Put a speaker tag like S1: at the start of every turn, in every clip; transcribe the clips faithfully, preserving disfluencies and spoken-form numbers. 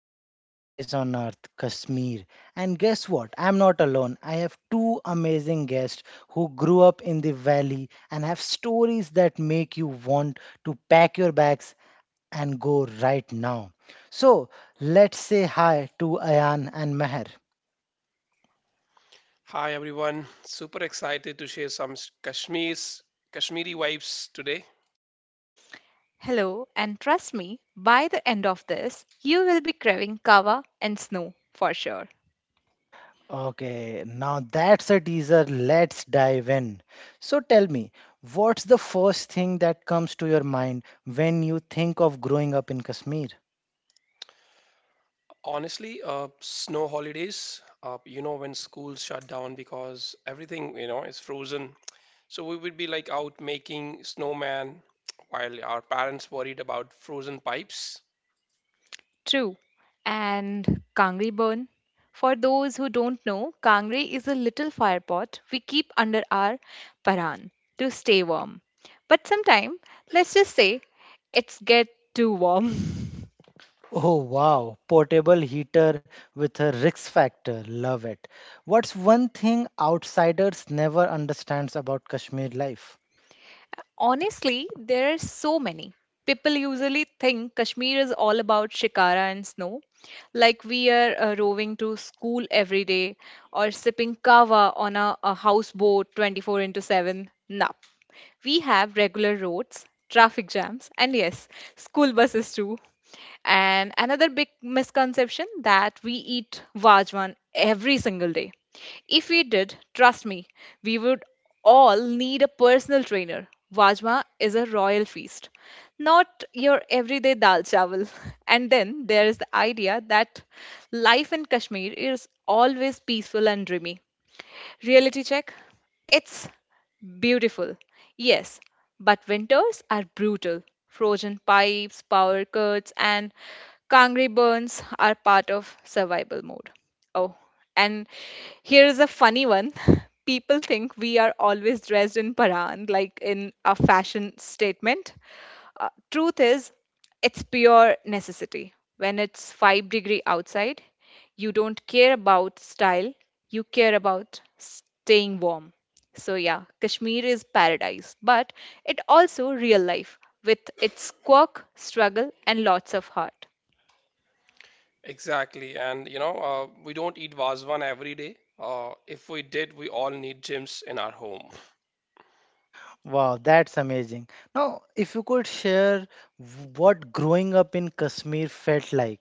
S1: to a paradise on earth, Kashmir. And guess what? I'm not alone. I have two amazing guests who grew up in the valley and have stories that make you want to pack your bags and go right now. So, let's say hi to Ayan and Meher.
S2: Hi everyone, super excited to share some s- Kashmir's Kashmiri vibes today.
S3: Hello, and trust me, by the end of this, you will be craving kava and snow for sure.
S1: Okay, now that's a teaser. Let's dive in. So tell me, what's the first thing that comes to your mind when you think of growing up in Kashmir?
S2: Honestly, uh, snow holidays, uh, you know, when schools shut down because everything, you know, is frozen. So we would be like out making snowman while our parents worried about frozen pipes.
S3: True. And kangri burn. For those who don't know, kangri is a little fire pot we keep under our paran to stay warm. But sometime, let's just say, it's get too warm.
S1: Oh wow, portable heater with a Rix factor. Love it. What's one thing outsiders never understands about Kashmir life?
S3: Honestly, there are so many. People usually think Kashmir is all about shikara and snow, like we are uh, rowing to school every day or sipping kava on a, a houseboat twenty four into seven. Nah, we have regular roads, traffic jams, and yes, school buses too. And another big misconception that we eat Vajwan every single day. If we did, trust me, we would all need a personal trainer. Vajma is a royal feast, not your everyday dal chawal. And then there is the idea that life in Kashmir is always peaceful and dreamy. Reality check. It's beautiful. Yes, but winters are brutal. Frozen pipes, power cuts, and Kangri burns are part of survival mode. Oh, and here is a funny one. People think we are always dressed in Paran, like in a fashion statement. Uh, truth is, it's pure necessity. When it's five degree outside, you don't care about style, you care about staying warm. So yeah, Kashmir is paradise, but it also real life with its quirk, struggle and lots of heart.
S2: Exactly. And, you know, uh, we don't eat Vazvan every day. Uh, if we did, we all need gyms in our home.
S1: Wow, that's amazing. Now, if you could share w- what growing up in Kashmir felt like.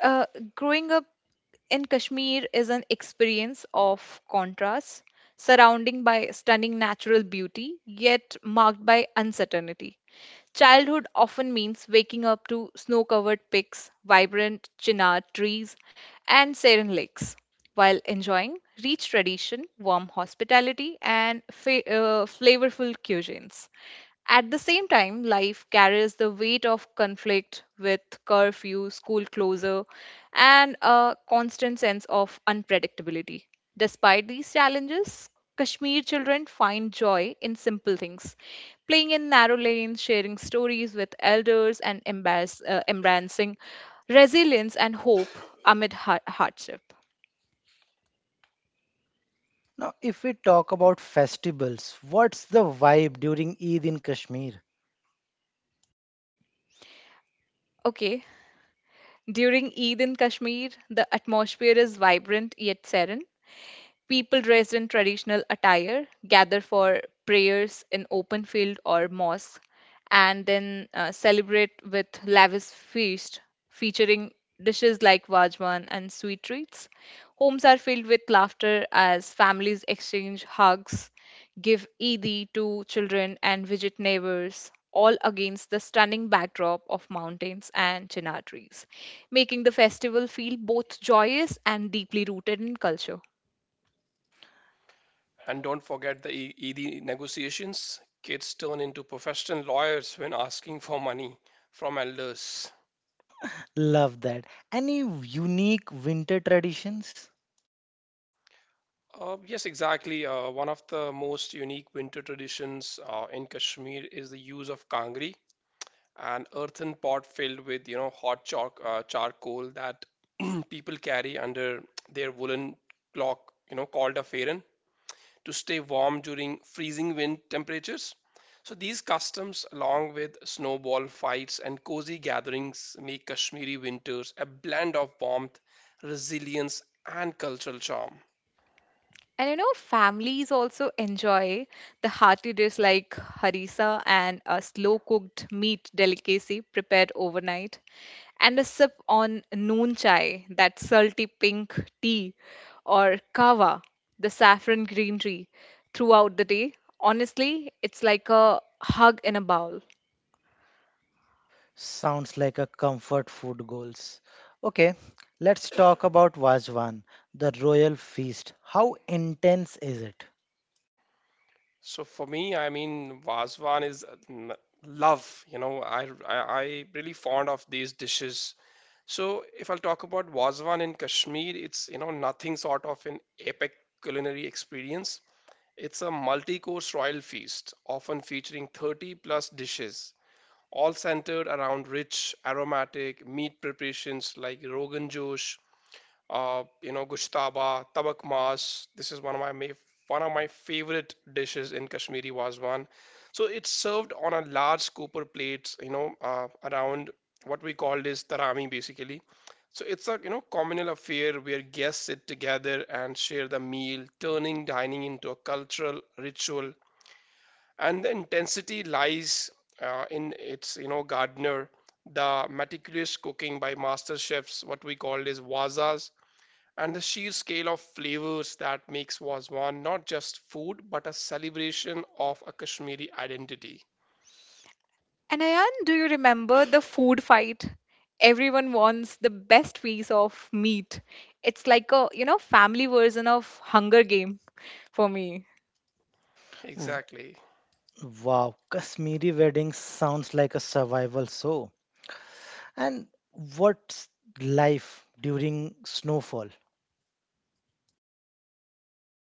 S3: Uh, growing up in Kashmir is an experience of contrasts, surrounding by stunning natural beauty, yet marked by uncertainty. Childhood often means waking up to snow covered peaks, vibrant chinar trees, and serene lakes while enjoying rich tradition, warm hospitality, and fa- uh, flavorful cuisines. At the same time, life carries the weight of conflict with curfew, school closure, and a constant sense of unpredictability. Despite these challenges, Kashmir children find joy in simple things, playing in narrow lanes, sharing stories with elders, and embarrass, uh, embracing resilience and hope amid har- hardship.
S1: Now, if we talk about festivals, what's the vibe during Eid in Kashmir?
S3: Okay. During Eid in Kashmir, the atmosphere is vibrant yet serene. People dressed in traditional attire gather for prayers in open field or mosque and then uh, celebrate with lavish feast featuring dishes like vajwan and sweet treats. Homes are filled with laughter as families exchange hugs, give Eid to children and visit neighbors, all against the stunning backdrop of mountains and chinar trees, making the festival feel both joyous and deeply rooted in culture.
S2: And don't forget the E- ED negotiations. Kids turn into professional lawyers when asking for money from elders.
S1: Love that. Any unique winter traditions?
S2: Uh, yes, exactly. Uh, one of the most unique winter traditions uh, in Kashmir is the use of kangri, an earthen pot filled with you know hot chalk, uh, charcoal that people carry under their woolen cloak, you know, called a fairan, to stay warm during freezing wind temperatures. So these customs, along with snowball fights and cozy gatherings, make Kashmiri winters a blend of warmth, resilience, and cultural charm.
S3: And you know, families also enjoy the hearty dish like harissa and a slow cooked meat delicacy prepared overnight, and a sip on noon chai, that salty pink tea, or kava, the saffron green tea, throughout the day. Honestly, it's like a hug in a bowl.
S1: Sounds like a comfort food goals. Okay, let's talk about Vajwan, the royal feast. How intense is it?
S2: So, for me, I mean, Vazwan is uh, n- love. You know, I, I, I really fond of these dishes. So, if I'll talk about Vazwan in Kashmir, it's, you know, nothing sort of an epic culinary experience. It's a multi course royal feast, often featuring thirty plus dishes, all centered around rich, aromatic meat preparations like Rogan Josh, uh, you know, gushtaba, tabak mas. This is one of my ma- one of my favorite dishes in Kashmiri Wazwan. So it's served on a large copper plate, you know, uh, around what we call is tarami basically. So it's a you know communal affair where guests sit together and share the meal, turning dining into a cultural ritual. And the intensity lies uh, in its you know gardener, the meticulous cooking by master chefs, what we call is wazas, and the sheer scale of flavors that makes Wazwan not just food but a celebration of a Kashmiri identity.
S3: And Ayan, do you remember the food fight? Everyone wants the best piece of meat. It's like a, you know, family version of Hunger Game for me.
S1: W-
S2: Exactly.
S1: Wow, Kashmiri weddings sounds like a survival show. And what's life during snowfall?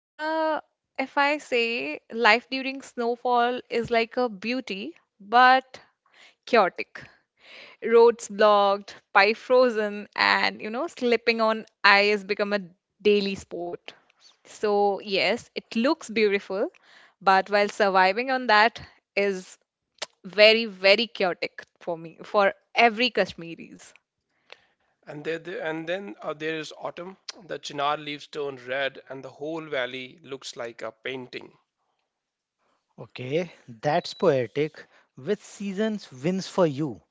S3: Uh, if I say life during snowfall is like a beauty, but chaotic. Roads blocked, pie frozen, and you know, slipping on ice become a daily sport. So, yes, it looks beautiful, but while surviving on that is very very chaotic for me for every kashmiris.
S2: And there, there- and then uh, there is autumn. The chinar leaves turn red, and the whole valley looks like a painting.
S1: Okay, that's poetic. Which seasons wins for you?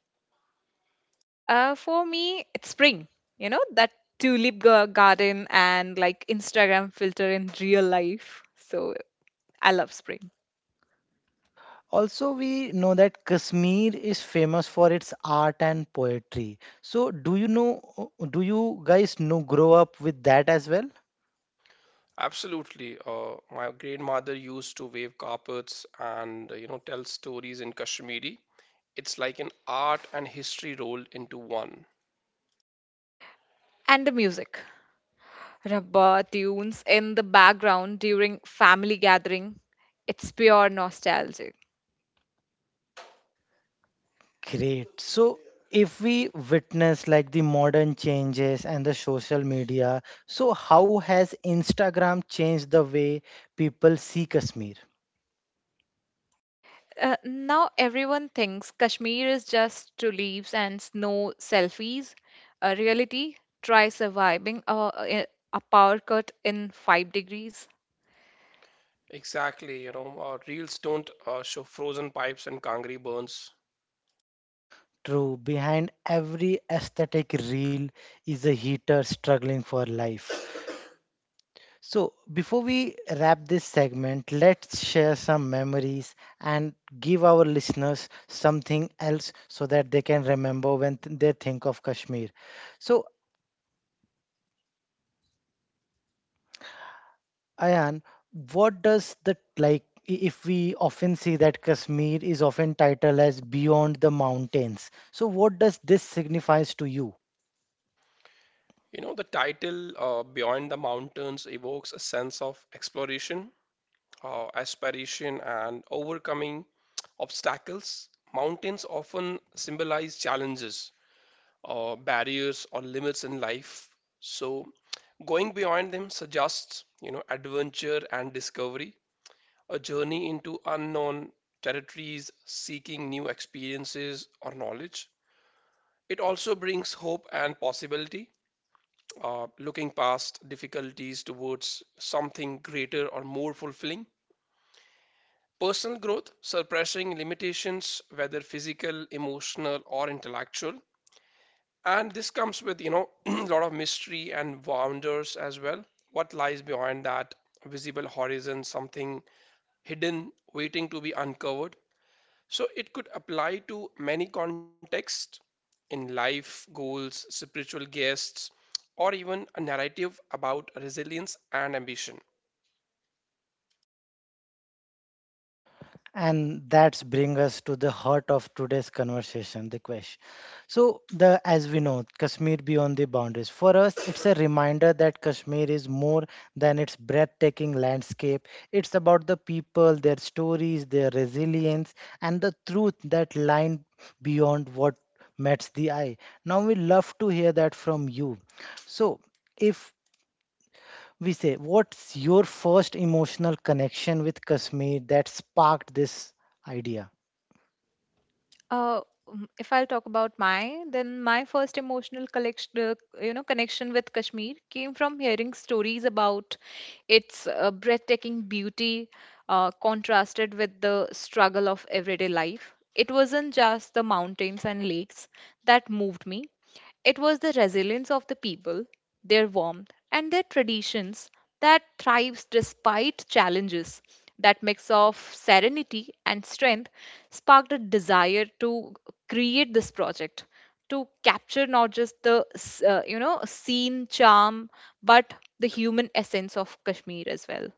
S3: Uh, for me it's spring, you know, that tulip gar- garden and like instagram filter in real life, so I love spring.
S1: Also, we know that Kashmir is famous for its art and poetry. So, do you know, do you guys know, grow up with that as well?
S2: Absolutely. Uh, my grandmother used to wave carpets and uh, you know tell stories in Kashmiri. It's like an art and history rolled into one.
S3: And the music, rabba tunes in the background during family gathering, it's pure nostalgia.
S1: Great. So, if we witness like the modern changes and the social media, so how has Instagram changed the way people see Kashmir?
S3: Uh, now everyone thinks Kashmir is just tulips and snow selfies. Uh, reality, try surviving a, a a power cut in five degrees.
S2: Exactly. You know, uh, reels don't uh, show frozen pipes and kangri burns.
S1: True, behind every aesthetic reel is a heater struggling for life. So, before we wrap this segment, let's share some memories and give our listeners something else so that they can remember when th- they think of Kashmir. So, Ayan, what does the like i- if we often see that Kashmir is often titled as beyond the mountains. So, what does this signifies to you?
S2: You know, the title uh, Beyond the Mountains evokes a sense of exploration, uh, aspiration, and overcoming obstacles. Mountains often symbolize challenges, uh, barriers, or limits in life. So, going beyond them suggests, you know, adventure and discovery, a journey into unknown territories, seeking new experiences or knowledge. It also brings hope and possibility, uh, looking past difficulties towards something greater or more fulfilling. Personal growth, suppressing limitations, whether physical, emotional, or intellectual. And this comes with, you know, a lot of mystery and wonders as well. What lies behind that visible horizon, something hidden, waiting to be uncovered. So it could apply to many contexts in life, goals, spiritual guests, or even a narrative about resilience and ambition.
S1: And that's bring us to the heart of today's conversation, the question. So the as we know, Kashmir beyond the boundaries. For us, it's a reminder that Kashmir is more than its breathtaking landscape. It's about the people, their stories, their resilience, and the truth that lie beyond what meets the eye. Now we love to hear that from you. So if we say, what's your first emotional connection with Kashmir that sparked this idea?
S3: Uh, mm, if I'll talk about my, then my first emotional collection, uh, you know, connection with Kashmir came from hearing stories about its uh, breathtaking beauty, uh, contrasted with the struggle of everyday life. It wasn't just the mountains and lakes that moved me. It was the resilience of the people, their warmth, and their traditions that thrives despite challenges. That mix of serenity and strength sparked a desire to create this project to capture not just the s- uh, you know scene charm but the human essence of Kashmir as well.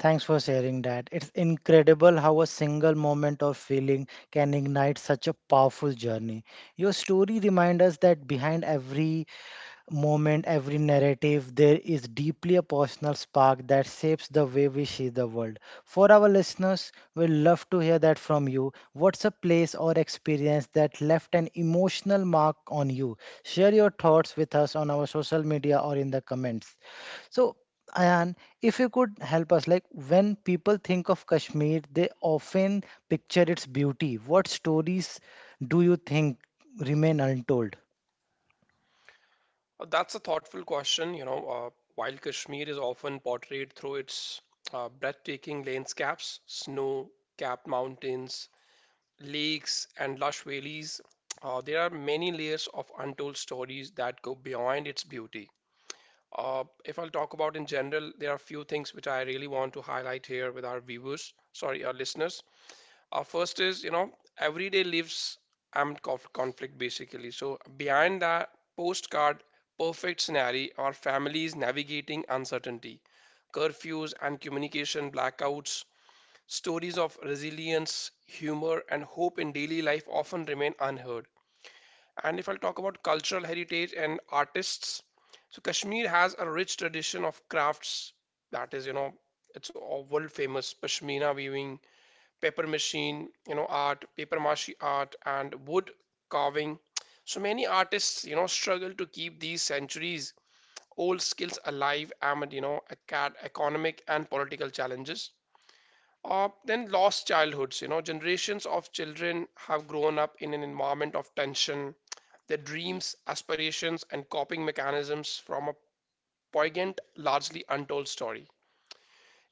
S1: Thanks for sharing that. It's incredible how a single moment of feeling can ignite such a powerful journey. Your story reminds us that behind every moment, every narrative, there is deeply a personal spark that shapes the way we see the world. For our listeners, we love to hear that from you. What's a place or experience that left an emotional mark on you? Share your thoughts with us on our social media or in the comments. So, Ayan, if you could help us, like when people think of Kashmir, they often picture its beauty. What stories do you think remain untold?
S2: Uh, That's a thoughtful question, you know. Uh, while Kashmir is often portrayed through its uh, breathtaking landscapes, snow capped mountains, lakes, and lush valleys, uh, there are many layers of untold stories that go beyond its beauty. Uh, if I'll talk about in general, there are a few things which I really want to highlight here with our viewers, sorry, our listeners. Uh, first is, you know, everyday lives armed conflict basically. So behind that postcard, perfect scenario are families navigating uncertainty, curfews and communication blackouts. Stories of resilience, humor, and hope in daily life often remain unheard. And if I'll talk about cultural heritage and artists, so Kashmir has a rich tradition of crafts that is, you know, it's all world famous pashmina weaving, paper machine, you know, art, paper mache art, and wood carving. So many artists, you know, struggle to keep these centuries old skills alive amid, you know, acad- economic and political challenges. Uh, then lost childhoods. You know, generations of children have grown up in an environment of tension. Their dreams, aspirations, and coping mechanisms from a poignant, largely untold story.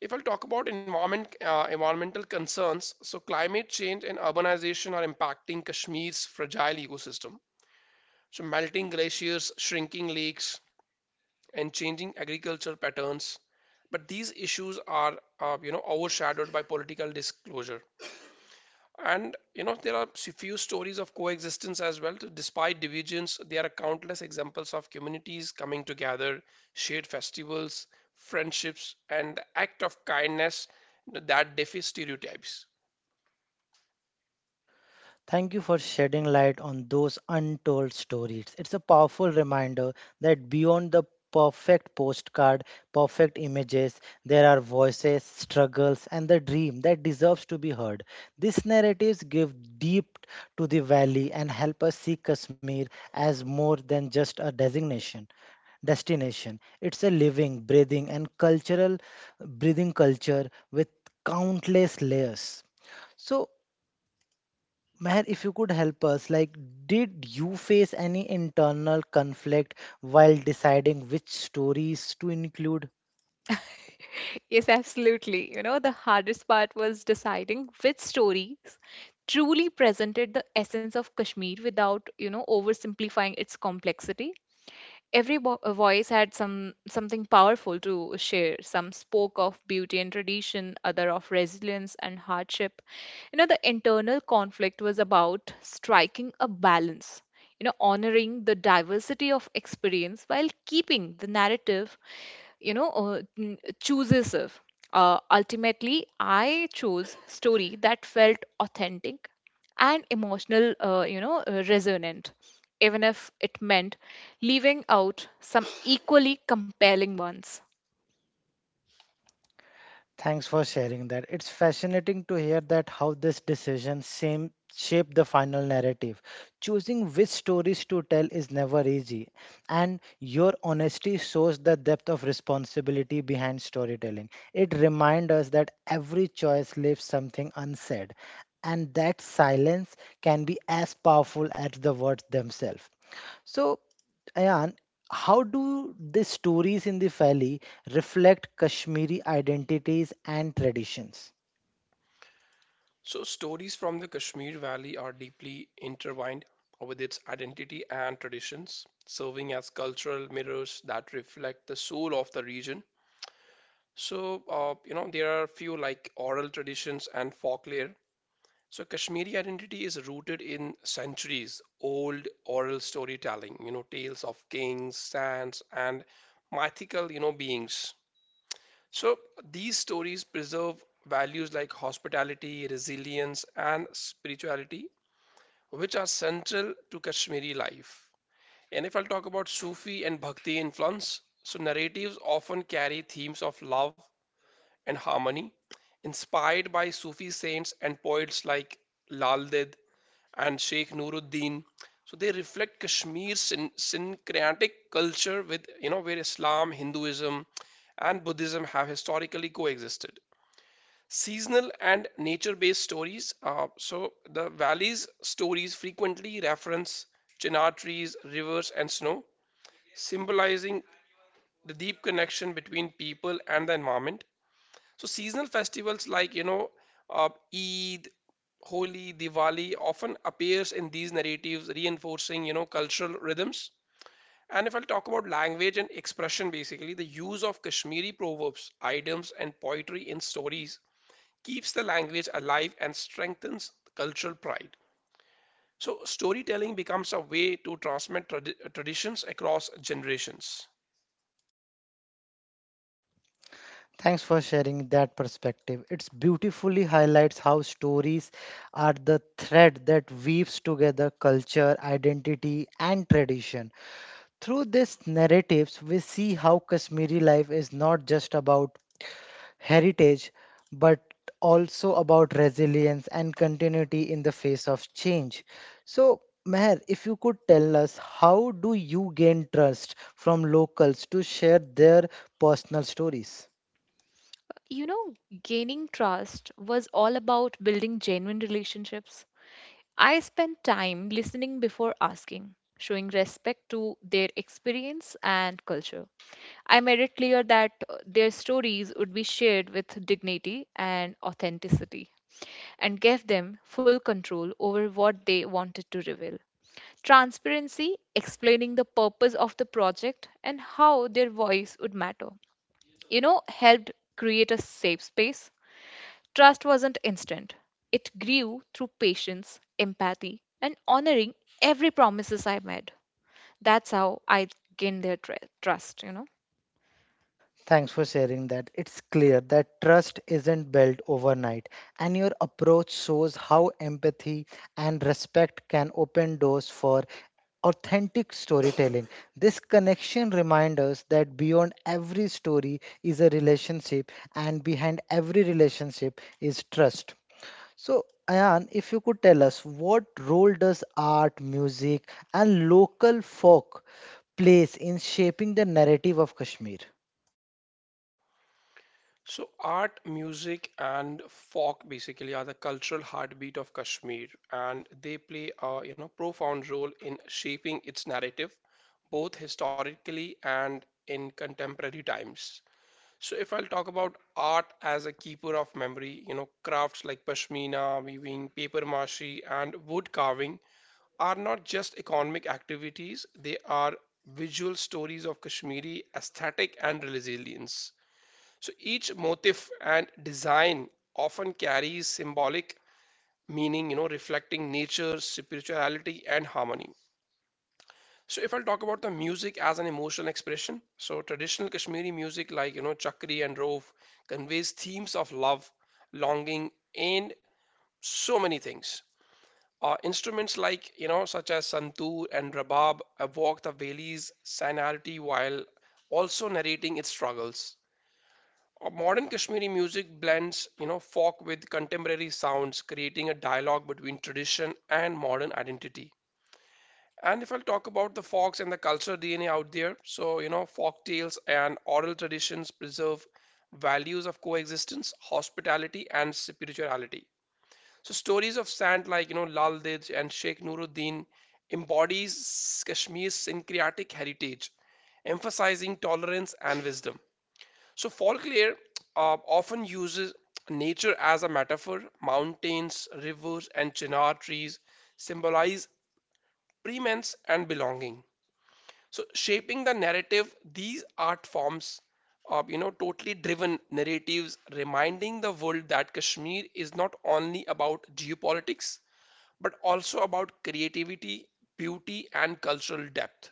S2: If I'll talk about environment, uh, environmental concerns, so climate change and urbanization are impacting Kashmir's fragile ecosystem. So melting glaciers, shrinking lakes, and changing agricultural patterns. But these issues are, uh, you know, overshadowed by political disclosure. And you know, there are s- few stories of coexistence as well, too. Despite divisions, there are countless examples of communities coming together, shared festivals, friendships, and the act of kindness that defy stereotypes.
S1: Thank you for shedding light on those untold stories. It's a powerful reminder that beyond the perfect postcard, perfect images, there are voices, struggles, and the dream that deserves to be heard. These narratives give deep to the valley and help us see Kashmir as more than just a designation destination. It's a living, breathing, and cultural breathing culture with countless layers. So Meher, if you could help us, like, did you face any internal conflict while deciding which stories to include?
S3: Yes, absolutely. You know, the hardest part was deciding which stories truly presented the essence of Kashmir without, you know, oversimplifying its complexity. Every bo- uh, voice had some something powerful to share. Some spoke of beauty and tradition, other of resilience and hardship. You know, the internal conflict was about striking a balance. You know, honoring the diversity of experience while keeping the narrative you know uh, n- chooses if, uh, ultimately I chose story that felt authentic and emotional, uh, you know, uh, resonant, even if it meant leaving out some equally compelling ones.
S1: Thanks for sharing that. It's fascinating to hear that how this decision same shape the final narrative. Choosing which stories to tell is never easy, and your honesty shows the depth of responsibility behind storytelling. It reminds us that every choice leaves something unsaid, and that silence can be as powerful as the words themselves. So Ayan, how do the stories in the valley reflect Kashmiri identities and traditions?
S2: So, stories from the Kashmir Valley are deeply intertwined with its identity and traditions, serving as cultural mirrors that reflect the soul of the region. So, uh, you know, there are few like oral traditions and folklore. So Kashmiri identity is rooted in centuries old oral storytelling, you know, tales of kings, saints, and mythical, you know, beings. So these stories preserve values like hospitality, resilience, and spirituality, which are central to Kashmiri life. And if I'll talk about Sufi and Bhakti influence, so narratives often carry themes of love and harmony, inspired by Sufi saints and poets like Lal Ded and Sheikh Nuruddin. So they reflect Kashmir's syn- syncretic culture, with, you know, where Islam, Hinduism, and Buddhism have historically coexisted. Seasonal and nature based stories. Uh, so the valley's stories frequently reference chinar trees, rivers, and snow, symbolizing the deep connection between people and the environment. So seasonal festivals like you know uh, Eid, Holi, Diwali often appears in these narratives, reinforcing you know cultural rhythms. And if I'll talk about language and expression, basically the use of Kashmiri proverbs, idioms, and poetry in stories keeps the language alive and strengthens cultural pride. So storytelling becomes a way to transmit trad- traditions across generations.
S1: Thanks for sharing that perspective. It beautifully highlights how stories are the thread that weaves together culture, identity, and tradition. Through these narratives, we see how Kashmiri life is not just about heritage, but also about resilience and continuity in the face of change. So, Meher, if you could tell us, how do you gain trust from locals to share their personal stories?
S3: You know, gaining trust was all about building genuine relationships. I spend time listening before asking, showing respect to their experience and culture. I made it clear that uh, their stories would be shared with dignity and authenticity and gave them full control over what they wanted to reveal. Transparency, explaining the purpose of the project and how their voice would matter, you know, helped create a safe space. Trust wasn't instant. It grew through patience, empathy, and honoring every promises I made. That's how I gained their tr- trust, you know.
S1: Thanks for sharing that. It's clear that trust isn't built overnight, and your approach shows how empathy and respect can open doors for authentic storytelling. This connection reminds us that beyond every story is a relationship, and behind every relationship is trust. So, Ayan, if you could tell us what role does art, music, and local folk plays in shaping the narrative of Kashmir?
S2: So, art, music, and folk basically are the cultural heartbeat of Kashmir, and they play a you know profound role in shaping its narrative, both historically and in contemporary times. So, if I'll talk about art as a keeper of memory, you know, crafts like pashmina, weaving, paper mache, and wood carving are not just economic activities; they are visual stories of Kashmiri aesthetic and resilience. So each motif and design often carries symbolic meaning, you know, reflecting nature, spirituality, and harmony. So if I'll talk about the music as an emotional expression, so traditional Kashmiri music like you know Chakri and Rov conveys themes of love, longing, and so many things. Uh, instruments like you know such as santoor and rabab evoke the valley's sanality while also narrating its struggles. Uh, Modern Kashmiri music blends, you know, folk with contemporary sounds, creating a dialogue between tradition and modern identity. And if I'll talk about the folks and the cultural D N A out there, so you know, folk tales and oral traditions preserve values of coexistence, hospitality, and spirituality. So stories of saint like you know Lal Dij and Sheikh Nuruddin embodies Kashmir's syncretic heritage, emphasizing tolerance and wisdom. So folklore uh, often uses nature as a metaphor. Mountains, rivers, and chinar trees symbolize preeminence and belonging. So shaping the narrative, these art forms are, you know, totally driven narratives, reminding the world that Kashmir is not only about geopolitics, but also about creativity, beauty, and cultural depth.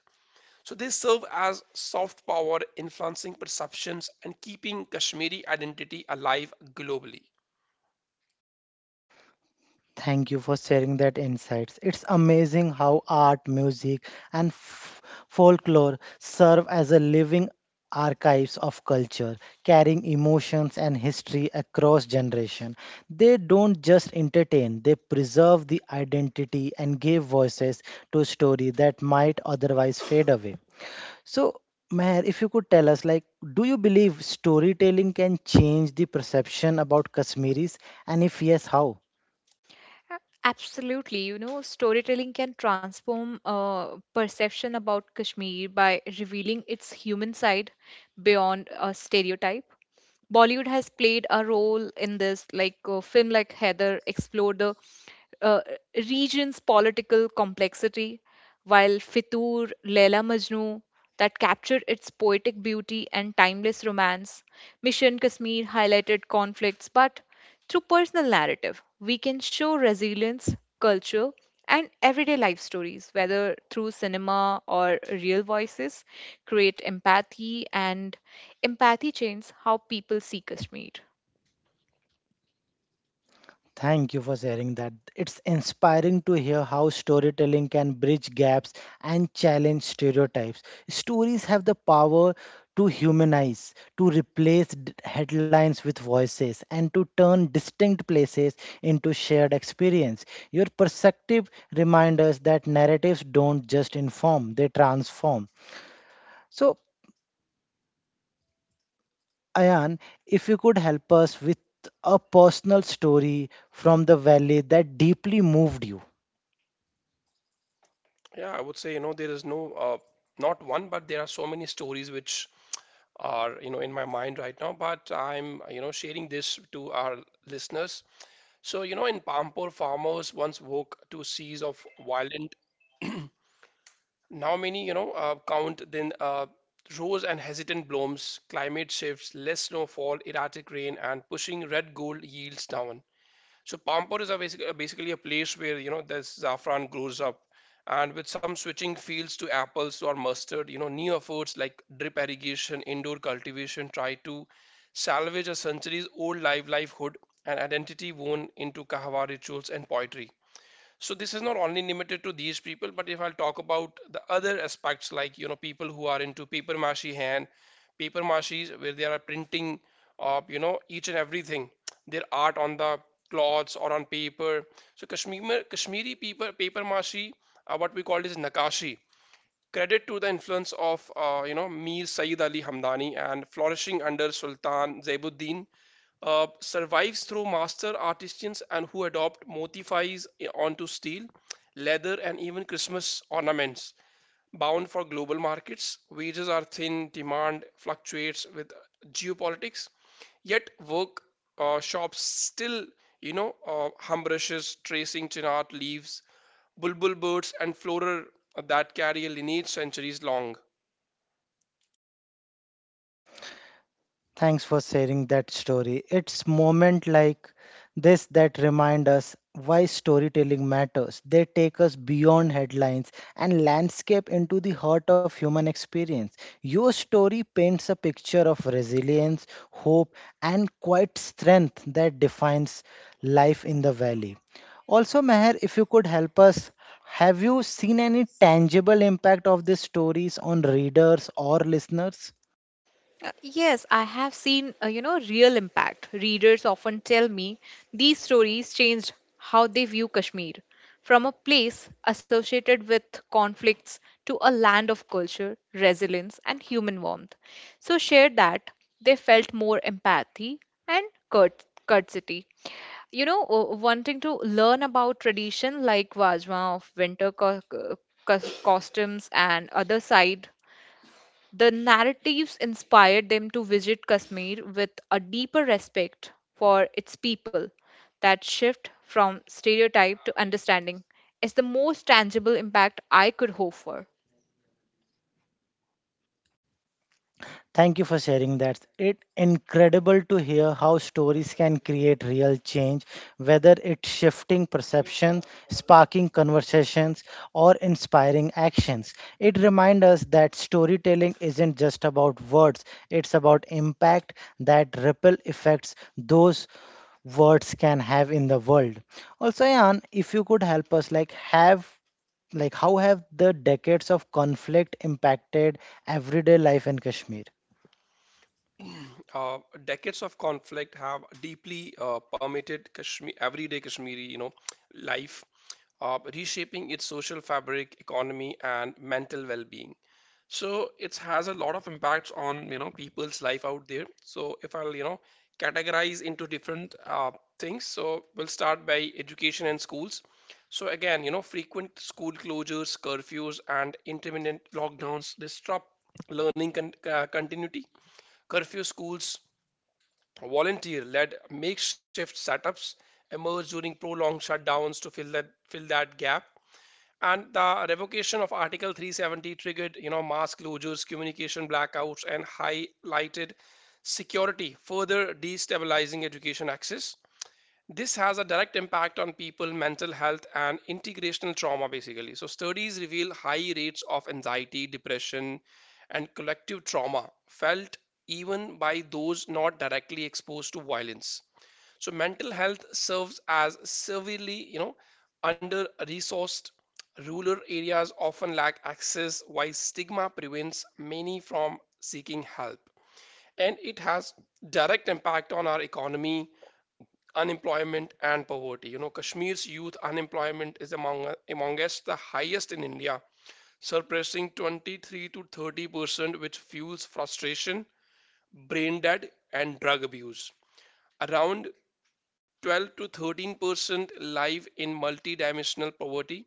S2: So they serve as soft power, influencing perceptions and keeping Kashmiri identity alive globally.
S1: Thank you for sharing that insights. It's amazing how art, music, and f- folklore serve as a living archives of culture, carrying emotions and history across generation. They don't just entertain; they preserve the identity and give voices to story that might otherwise fade away. So, Meher, if you could tell us, like, do you believe storytelling can change the perception about Kashmiris, and if yes, how?
S3: Absolutely, you know, storytelling can transform uh, perception about Kashmir by revealing its human side beyond a stereotype. Bollywood has played a role in this, like a film like Heather explored the uh, region's political complexity, while Fitur, Leila Majnu, that captured its poetic beauty and timeless romance. Mission Kashmir highlighted conflicts, but through personal narrative, we can show resilience, culture, and everyday life stories, whether through cinema or real voices, create empathy, and empathy changes how people see Kashmir.
S1: Thank you for sharing that. It's inspiring to hear how storytelling can bridge gaps and challenge stereotypes. Stories have the power to humanize, to replace d- headlines with voices, and to turn distinct places into shared experience. Your perspective reminds us that narratives don't just inform, they transform. So, Ayan, if you could help us with a personal story from the valley that deeply moved you.
S2: Yeah, I would say you know there is no uh, not one, but there are so many stories which are you know in my mind right now. But I'm you know sharing this to our listeners. So you know in Pampur, farmers once woke to seas of violent. Now many, you know, uh, count then uh, rose and hesitant blooms, climate shifts, less snowfall, erratic rain, and pushing red gold yields down. So Pampur is a basic, uh, basically a place where you know this saffron grows up, and with some switching fields to apples or mustard, you know, new efforts like drip irrigation, indoor cultivation try to salvage a centuries-old live livelihood and identity woven into kahwa rituals and poetry. So this is not only limited to these people, but if I'll talk about the other aspects, like you know people who are into paper mache hand paper maches, where they are printing of you know each and everything, their art on the cloths or on paper. So kashmir Kashmiri paper paper mache, uh, what we call is nakashi, credit to the influence of uh, you know Mir Sayyid Ali Hamdani and flourishing under Sultan Zainuddin, uh, survives through master artisans and who adopt motifs onto steel, leather, and even Christmas ornaments. Bound for global markets, wages are thin, demand fluctuates with geopolitics, yet work uh, shops still, you know, uh, hum tracing chinar leaves, bulbul birds and flora that carry a lineage centuries long.
S1: Thanks for sharing that story. It's moment like this that remind us why storytelling matters. They take us beyond headlines and landscape into the heart of human experience. Your story paints a picture of resilience, hope, and quiet strength that defines life in the valley. Also, Meher, if you could help us, have you seen any tangible impact of these stories on readers or listeners?
S3: Uh, Yes, I have seen, uh, you know, real impact. Readers often tell me these stories changed how they view Kashmir from a place associated with conflicts to a land of culture, resilience, and human warmth. So, shared that they felt more empathy and curt- courtesy. You know, uh, wanting to learn about tradition like Vajma of winter co- co- costumes and other side the narratives inspired them to visit Kashmir with a deeper respect for its people. That shift from stereotype to understanding is the most tangible impact I could hope for.
S1: Thank you for sharing that. It's incredible to hear how stories can create real change, whether it's shifting perception, sparking conversations, or inspiring actions. It reminds us that storytelling isn't just about words, it's about impact, that ripple effects those words can have in the world. Also, Ayan, if you could help us, like, have like how have the decades of conflict impacted everyday life in Kashmir?
S2: Uh, Decades of conflict have deeply uh, permeated Kashmir, everyday Kashmiri, you know, life, uh, reshaping its social fabric, economy, and mental well-being. So it has a lot of impacts on, you know, people's life out there. So if I'll, you know, categorize into different uh, things, so we'll start by education and schools. So again, you know, frequent school closures, curfews, and intermittent lockdowns disrupt learning con- uh, continuity. Curfew schools, volunteer led makeshift setups emerge during prolonged shutdowns to fill that fill that gap. And the revocation of article three seventy triggered, you know, mass closures, communication blackouts, and highlighted security, further destabilizing education access. This has a direct impact on people mental health and integrational trauma, basically. So studies reveal high rates of anxiety, depression, and collective trauma felt even by those not directly exposed to violence. So mental health serves as severely, you know, under resourced. Rural areas often lack access, while stigma prevents many from seeking help. And it has direct impact on our economy, unemployment, and poverty. You know, Kashmir's youth unemployment is among amongst the highest in India, surpassing twenty-three to thirty percent, which fuels frustration, brain dead, and drug abuse. Around twelve to thirteen percent live in multidimensional poverty,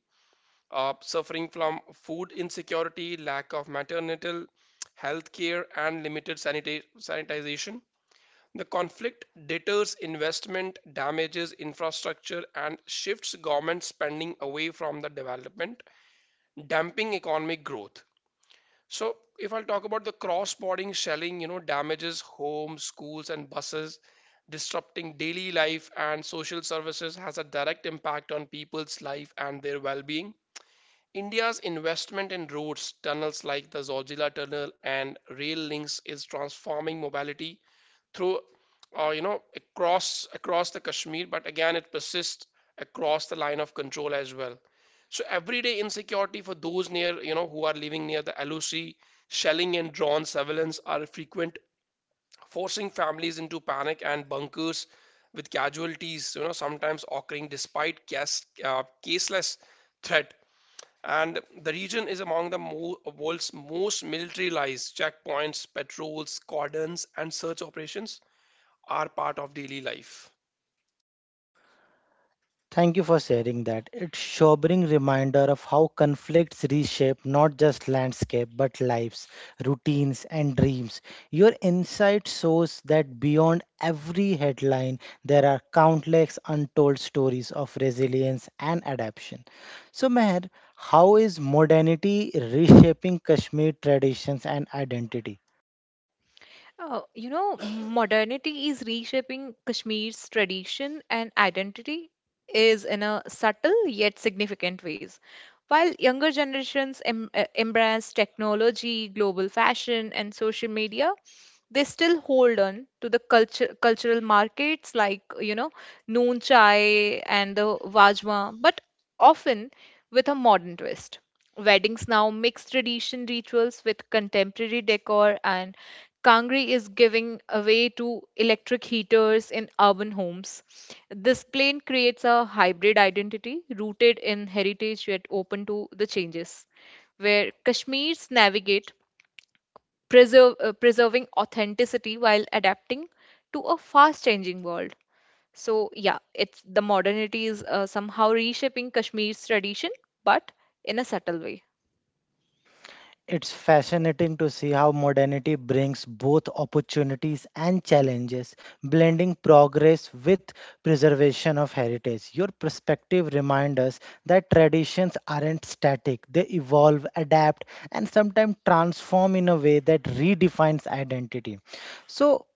S2: uh, suffering from food insecurity, lack of maternal health care, and limited sanita- sanitization. The conflict deters investment, damages infrastructure, and shifts government spending away from the development, damping economic growth. So if I'll talk about the cross-border shelling, you know, damages homes, schools, and buses, disrupting daily life and social services, has a direct impact on people's life and their well-being. India's investment in roads, tunnels like the Zorjila Tunnel, and rail links is transforming mobility through, uh, you know, across across the Kashmir. But again, it persists across the line of control as well. So everyday insecurity for those near, you know, who are living near the L O C, shelling and drone surveillance are frequent, forcing families into panic and bunkers, with casualties, you know, sometimes occurring despite case, uh, caseless threat. And the region is among the mo- world's most militarized. Checkpoints, patrols, cordons, and search operations are part of daily life.
S1: Thank you for sharing that. It's sobering reminder of how conflicts reshape not just landscape but lives, routines and dreams. Your insight shows that beyond every headline there are countless untold stories of resilience and adaptation. So Meher, how is modernity reshaping Kashmir traditions and identity?
S3: Oh, you know, modernity is reshaping Kashmir's tradition and identity is in a subtle yet significant ways. While younger generations em- uh, embrace technology, global fashion, and social media, they still hold on to the culture, cultural markets like, you know, noon chai and the wajma, but often with a modern twist. Weddings now mix tradition rituals with contemporary decor and Kangri is giving away to electric heaters in urban homes. This plan creates a hybrid identity rooted in heritage yet open to the changes, where Kashmirs navigate preserve, uh, preserving authenticity while adapting to a fast changing world. So, yeah, it's the modernity is uh, somehow reshaping Kashmir's tradition, but in a subtle way.
S1: It's fascinating to see how modernity brings both opportunities and challenges, blending progress with preservation of heritage. Your perspective reminds us that traditions aren't static, they evolve, adapt, and sometimes transform in a way that redefines identity. So,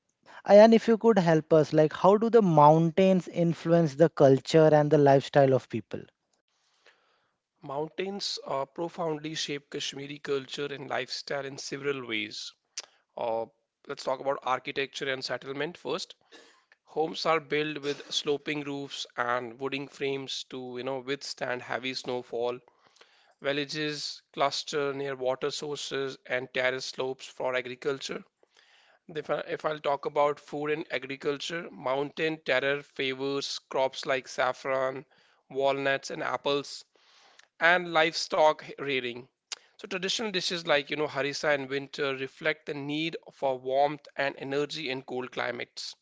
S1: Ayan, if you could help us, like how do the mountains influence the culture and the lifestyle of people?
S2: Mountains uh, profoundly shape Kashmiri culture and lifestyle in several ways. uh, let's talk about architecture and settlement first. Homes are built with sloping roofs and wooden frames to, you know, withstand heavy snowfall. Villages cluster near water sources and terrace slopes for agriculture. If, I, if I'll talk about food and agriculture, mountain terror favors crops like saffron, walnuts, and apples, and livestock rearing. So traditional dishes like, you know, harissa in winter reflect the need for warmth and energy in cold climates.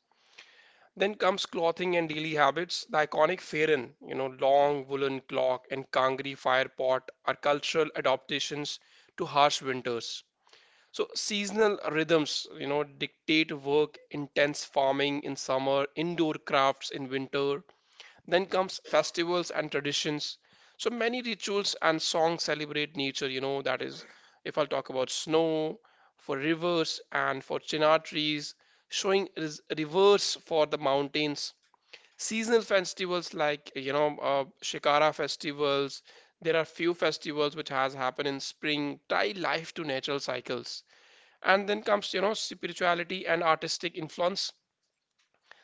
S2: Then comes clothing and daily habits. The iconic farin, you know, long woolen cloak, and kangri fire pot are cultural adaptations to harsh winters. So seasonal rhythms, you know, dictate work, intense farming in summer, indoor crafts in winter. Then comes festivals and traditions. So many rituals and songs celebrate nature, you know, that is if I'll talk about snow, for rivers, and for chinar trees, showing res- reverse for the mountains. Seasonal festivals like, you know, uh, Shikara festivals. There are few festivals which has happened in spring, tie life to natural cycles. And then comes, you know, spirituality and artistic influence.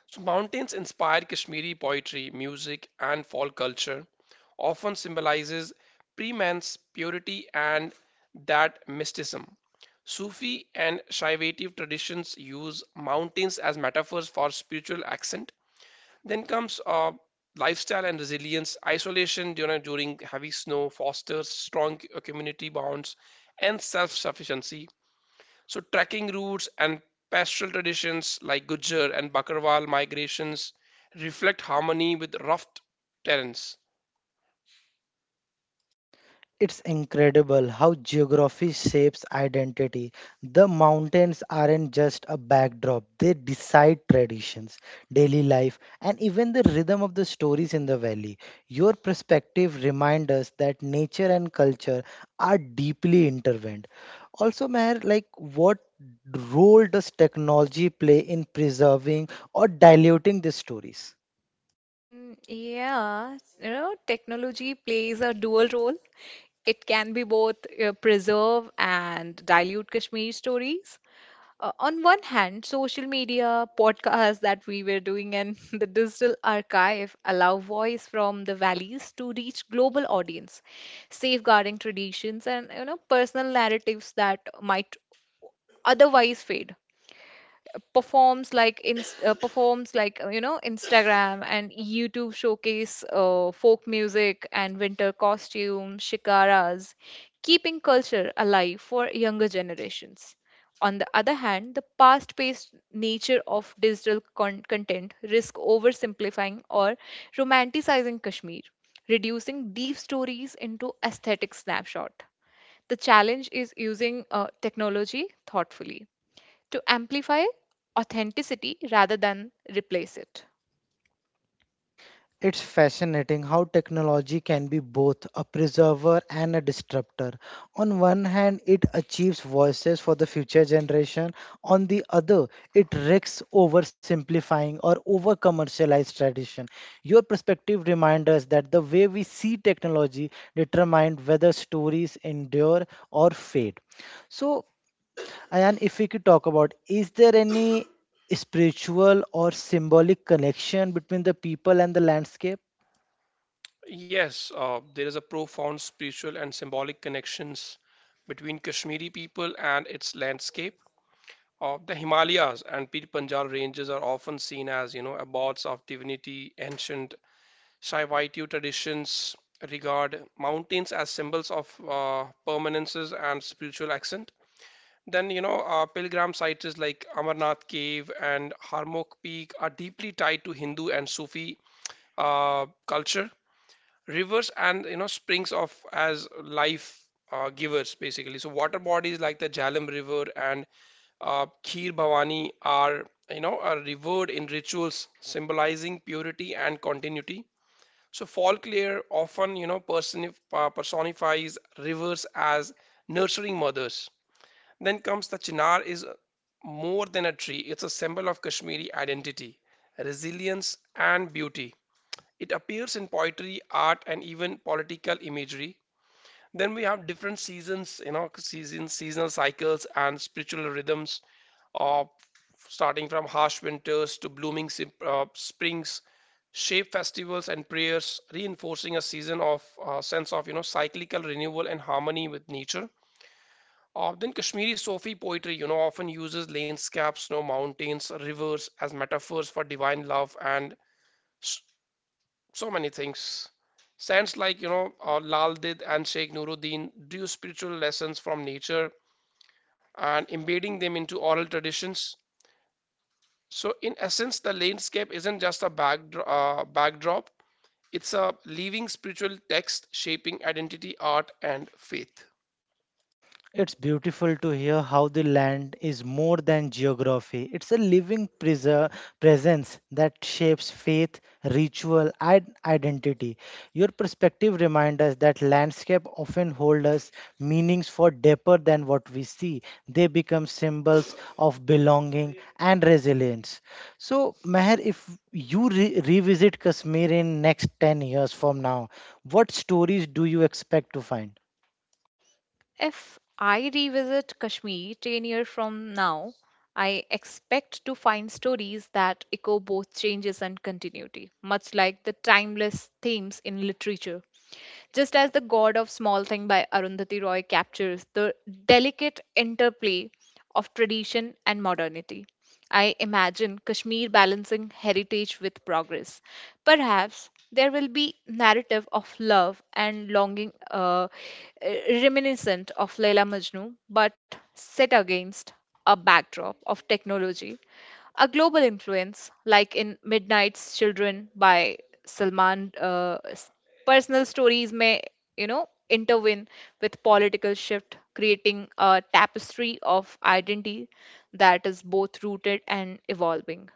S2: So mountains inspire Kashmiri poetry, music, and folk culture, often symbolizes preman's purity and that mysticism. Sufi and shaivative traditions use mountains as metaphors for spiritual ascent. Then comes uh, lifestyle and resilience. Isolation during, during heavy snow fosters strong uh, community bonds and self-sufficiency. So trekking routes and pastoral traditions like Gujjar and Bakarwal migrations reflect harmony with rough terrains.
S1: It's incredible how geography shapes identity. The mountains aren't just a backdrop, they decide traditions, daily life, and even the rhythm of the stories in the valley. Your perspective reminds us that nature and culture are deeply intertwined. Also, Meher, like what role does technology play in preserving or diluting these stories?
S3: Mm, yeah, you know, technology plays a dual role. It can be both uh, preserve and dilute Kashmiri stories. Uh, on one hand, social media, podcasts that we were doing, and the digital archive allow voice from the valleys to reach global audience, safeguarding traditions and you know personal narratives that might otherwise fade, performs like in uh, performs like uh, you know Instagram and YouTube showcase uh, folk music and winter costume shikaras, keeping culture alive for younger generations. On the other hand, the fast-paced nature of digital con- content risk oversimplifying or romanticizing Kashmir, reducing deep stories into aesthetic snapshot. The challenge is using uh, technology thoughtfully to amplify authenticity rather than replace it.
S1: It's fascinating how technology can be both a preserver and a disruptor. On one hand, it achieves voices for the future generation. On the other, it risks oversimplifying or over commercialized tradition. Your perspective reminds us that the way we see technology determines whether stories endure or fade. So, Ayan, if we could talk about, is there any spiritual or symbolic connection between the people and the landscape?
S2: Yes, uh, there is a profound spiritual and symbolic connections between Kashmiri people and its landscape. Uh, the Himalayas and Pir Panjal ranges are often seen as, you know, abodes of divinity. Ancient Shaivaitu traditions regard mountains as symbols of uh, permanences and spiritual accent. Then, you know, uh, pilgrim sites is like Amarnath Cave and Harmok Peak are deeply tied to Hindu and Sufi uh, culture. Rivers and, you know, springs of as life uh, givers, basically. So water bodies like the Jhelum River and uh, Khir Bhavani are, you know, are revered in rituals symbolizing purity and continuity. So folklore often, you know, personif- uh, personifies rivers as nurturing mothers. Then comes the chinar is more than a tree, it's a symbol of Kashmiri identity, resilience, and beauty. It appears in poetry, art, and even political imagery. Then we have different seasons, you know, seasons, seasonal cycles, and spiritual rhythms of starting from harsh winters to blooming uh, springs, shape festivals and prayers, reinforcing a season of uh, sense of, you know, cyclical renewal and harmony with nature. Often Kashmiri Sufi poetry, you know, often uses landscapes, you mountains, rivers as metaphors for divine love and s- so many things. Saints like, you know, uh, Lal Did and Sheikh Nuruddin drew spiritual lessons from nature and embedding them into oral traditions. So, in essence, the landscape isn't just a backdro- uh, backdrop, it's a living spiritual text shaping identity, art, and faith.
S1: It's beautiful to hear how the land is more than geography. It's a living preser- presence that shapes faith, ritual, and identity. Your perspective reminds us that landscape often hold us meanings for deeper than what we see. They become symbols of belonging and resilience. So, Meher, if you re- revisit Kashmir in next ten years from now, what stories do you expect to find?
S3: If I revisit Kashmir ten years from now, I expect to find stories that echo both changes and continuity, much like the timeless themes in literature. Just as The God of Small Thing by Arundhati Roy captures the delicate interplay of tradition and modernity. I imagine Kashmir balancing heritage with progress. Perhaps there will be narrative of love and longing uh, reminiscent of Laila Majnu, but set against a backdrop of technology, a global influence, like in Midnight's Children by Salman, uh, s- personal stories may, you know, intervene with political shift, creating a tapestry of identity that is both rooted and evolving.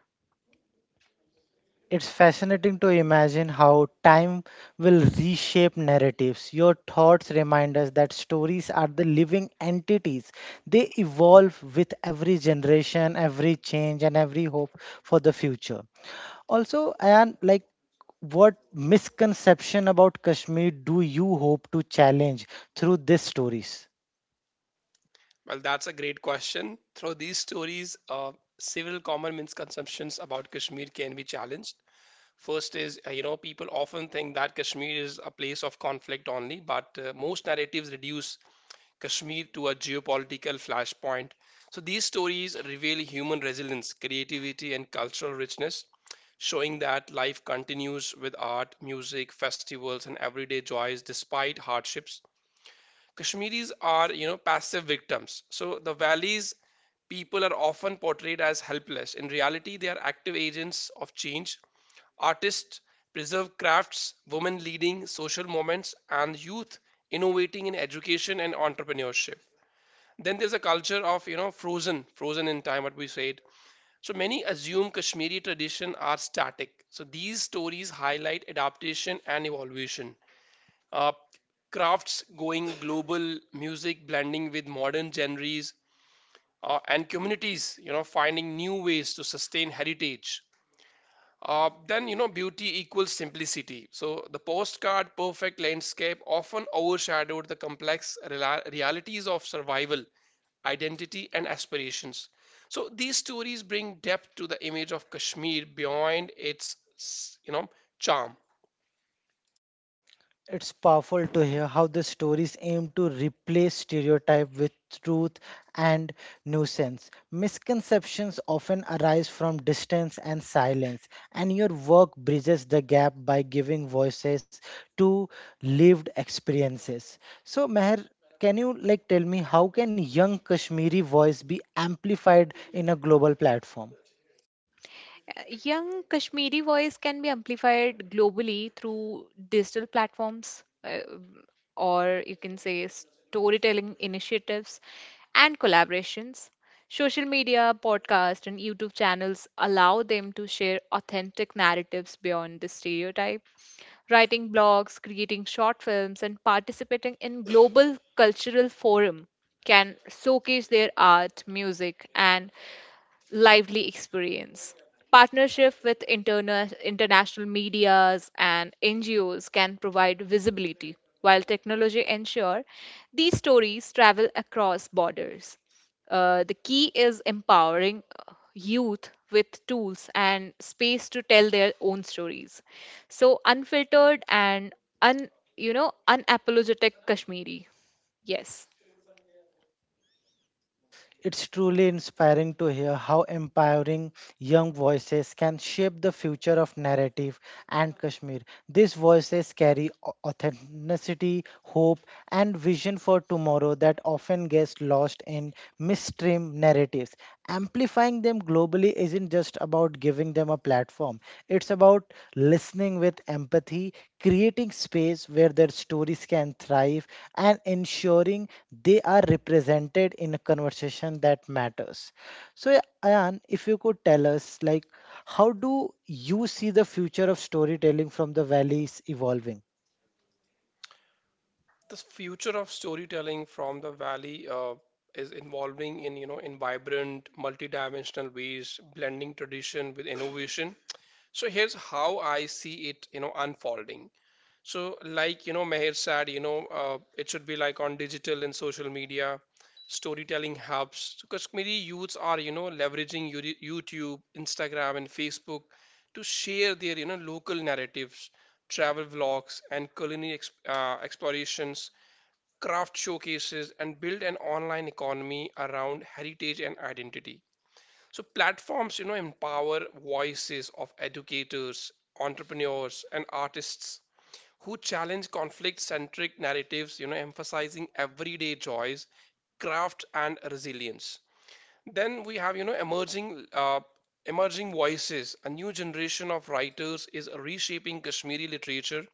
S1: It's fascinating to imagine how time will reshape narratives. Your thoughts remind us that stories are the living entities. They evolve with every generation, every change, and every hope for the future. Also, and like what misconception about Kashmir do you hope to challenge through these stories?
S2: Well, that's a great question. Through these stories, uh, several common misconceptions about Kashmir can be challenged. First is, uh, you know, people often think that Kashmir is a place of conflict only, but uh, most narratives reduce Kashmir to a geopolitical flashpoint. So these stories reveal human resilience, creativity, and cultural richness, showing that life continues with art, music, festivals, and everyday joys despite hardships. Kashmiris are, you know, passive victims. So the valley's people are often portrayed as helpless. In reality, they are active agents of change. Artists preserve crafts, women leading social movements, and youth innovating in education and entrepreneurship. Then there's a culture of, you know, frozen, frozen in time, what we said. So many assume Kashmiri tradition are static. So these stories highlight adaptation and evolution, uh, crafts going global, music blending with modern genres, uh, and communities, you know, finding new ways to sustain heritage. Uh, then, you know, beauty equals simplicity. So the postcard perfect landscape often overshadowed the complex rela- realities of survival, identity, and aspirations. So these stories bring depth to the image of Kashmir beyond its, you know, charm.
S1: It's powerful to hear how the stories aim to replace stereotype with truth and nuisance. Misconceptions often arise from distance and silence, and your work bridges the gap by giving voices to lived experiences. So, Meher, can you like tell me how can young Kashmiri voice be amplified in a global platform?
S3: Uh, Young Kashmiri voice can be amplified globally through digital platforms, uh, or you can say storytelling initiatives and collaborations. Social media, podcast, and YouTube channels allow them to share authentic narratives beyond the stereotype. Writing blogs, creating short films, and participating in global cultural forum can showcase their art, music, and lively experience. Partnership with interna- international medias and N G Os can provide visibility, while technology ensure these stories travel across borders. Uh, the key is empowering uh, youth with tools and space to tell their own stories. So unfiltered and un you know unapologetic Kashmiri. Yes.
S1: It's truly inspiring to hear how empowering young voices can shape the future of narrative and Kashmir. These voices carry au- authenticity, hope, and vision for tomorrow that often gets lost in mainstream narratives. Amplifying them globally isn't just about giving them a platform, it's about listening with empathy, creating space where their stories can thrive, and ensuring they are represented in a conversation that matters. So, yeah, Ayan, if you could tell us, like, how do you see the future of storytelling from the valleys evolving?
S2: The future of storytelling from the valley uh, is involving in, you know, in vibrant multidimensional ways, blending tradition with innovation. So here's how I see it, you know, unfolding. So like, you know, Meher said, you know, uh, it should be like on digital and social media storytelling hubs. So Kashmiri youths are, you know, leveraging Youri- YouTube, Instagram, and Facebook to share their, you know, local narratives, travel vlogs, and culinary ex- uh, explorations, craft showcases, and build an online economy around heritage and identity. So platforms, you know, empower voices of educators, entrepreneurs, and artists who challenge conflict centric narratives, you know, emphasizing everyday joys, craft, and resilience. Then we have, you know, emerging uh, emerging voices. A new generation of writers is reshaping Kashmiri literature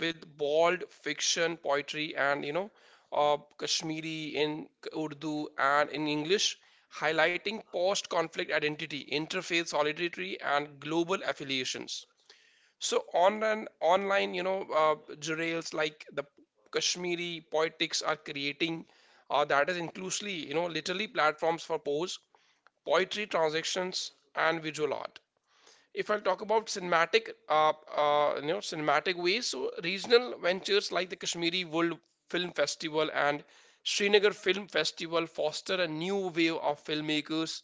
S2: with bold fiction, poetry, and, you know, uh, Kashmiri in Urdu and in English, highlighting post-conflict identity, interfaith solidarity, and global affiliations. So online, online, you know, uh, journals like the Kashmiri poetics are creating uh, that is inclusively, you know, literally platforms for prose, poetry, transactions, and visual art. If I'll talk about cinematic, uh, uh, you know, cinematic ways, so regional ventures like the Kashmiri World Film Festival and Srinagar Film Festival foster a new wave of filmmakers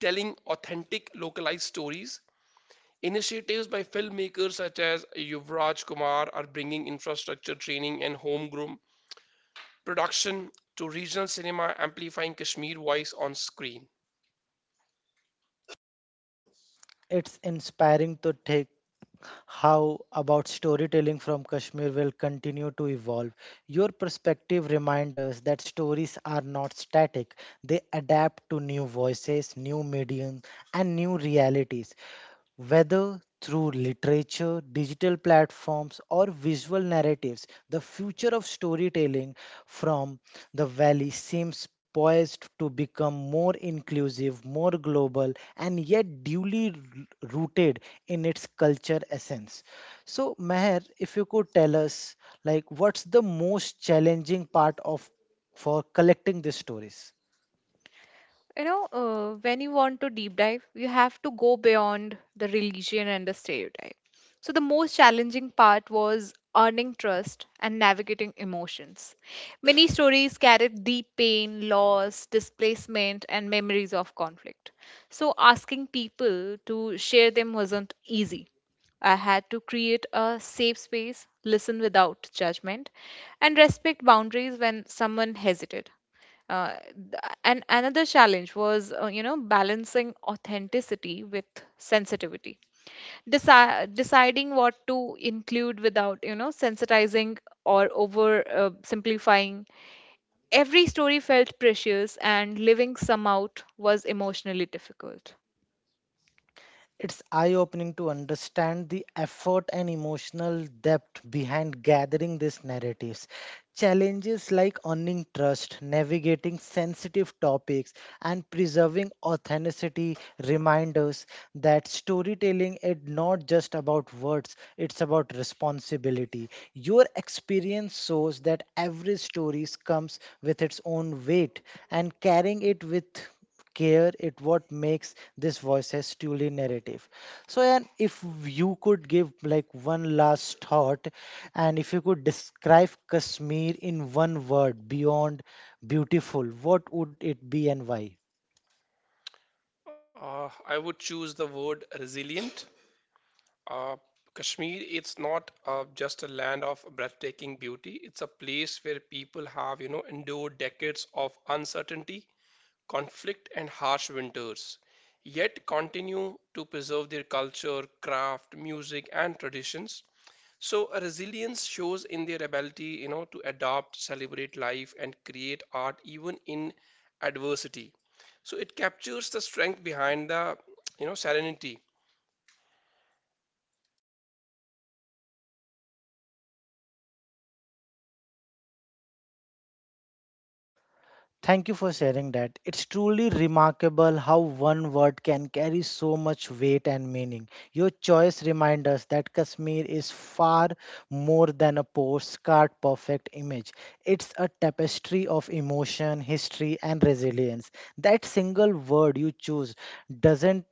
S2: telling authentic localized stories. Initiatives by filmmakers such as Yuvraj Kumar are bringing infrastructure training and homegrown production to regional cinema, amplifying Kashmir voice on screen.
S1: It's inspiring to take how about storytelling from Kashmir will continue to evolve. Your perspective reminds us that stories are not static, they adapt to new voices, new mediums, and new realities. Whether through literature, digital platforms, or visual narratives, the future of storytelling from the valley seems poised to become more inclusive, more global, and yet duly r- rooted in its culture essence. So, Meher, if you could tell us, like, what's the most challenging part of for collecting these stories?
S3: You know, uh, when you want to deep dive, you have to go beyond the religion and the stereotype. So, the most challenging part was earning trust and navigating emotions. Many stories carried deep pain, loss, displacement, and memories of conflict. So, asking people to share them wasn't easy. I had to create a safe space, listen without judgment, and respect boundaries when someone hesitated. Uh, th- and another challenge was, uh, you know, balancing authenticity with sensitivity, Deci- deciding what to include without, you know, sensitizing or over uh, simplifying. Every story felt precious, and living some out was emotionally difficult.
S1: It's eye opening to understand the effort and emotional depth behind gathering these narratives. Challenges like earning trust, navigating sensitive topics, and preserving authenticity remind us that storytelling is not just about words, it's about responsibility. Your experience shows that every story comes with its own weight, and carrying it with care it what makes this voices truly narrative. So, and if you could give like one last thought, and if you could describe Kashmir in one word beyond beautiful, what would it be and why?
S2: Uh, I would choose the word resilient. Uh, Kashmir, it's not uh, just a land of breathtaking beauty. It's a place where people have, you know, endured decades of uncertainty, conflict, and harsh winters, yet continue to preserve their culture, craft, music, and traditions. So, a resilience shows in their ability, you know, to adapt, celebrate life, and create art even in adversity. So, it captures the strength behind the, you know, serenity.
S1: Thank you for sharing that. It's truly remarkable how one word can carry so much weight and meaning. Your choice reminds us that Kashmir is far more than a postcard perfect image. It's a tapestry of emotion, history, and resilience. That single word you choose doesn't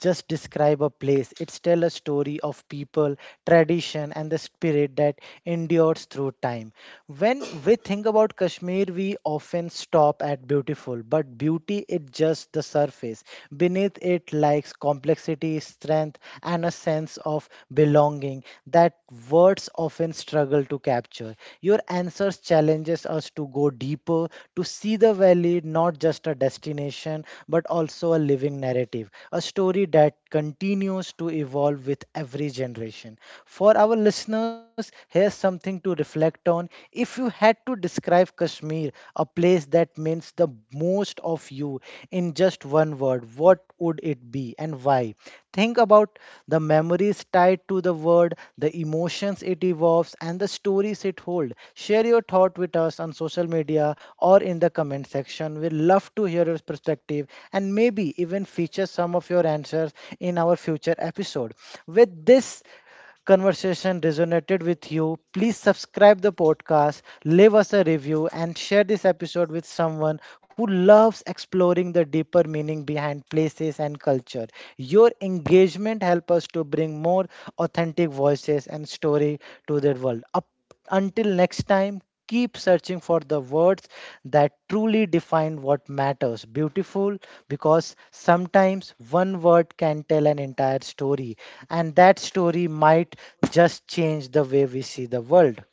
S1: just describe a place. It's tell a story of people, tradition, and the spirit that endures through time. When we think about Kashmir, we often stop at beautiful, but beauty is just the surface. Beneath it lies complexity, strength, and a sense of belonging that words often struggle to capture. Your answers challenges us to go deeper, to see the valley not just a destination, but also a living narrative, a story that continues to evolve with every generation. For our listeners, here's something to reflect on. If you had to describe Kashmir, a place that means the most of you, in just one word, what would it be and why? Think about the memories tied to the word, the emotions it evolves, and the stories it holds. Share your thought with us on social media or in the comment section. We'd love to hear your perspective and maybe even feature some of your answers in our future episode. With this, conversation resonated with you, please subscribe the podcast, leave us a review, and share this episode with someone who loves exploring the deeper meaning behind places and culture. Your engagement helps us to bring more authentic voices and story to the world. A until next time, keep searching for the words that truly define what matters. Beautiful, because sometimes one word can tell an entire story, and that story might just change the way we see the world.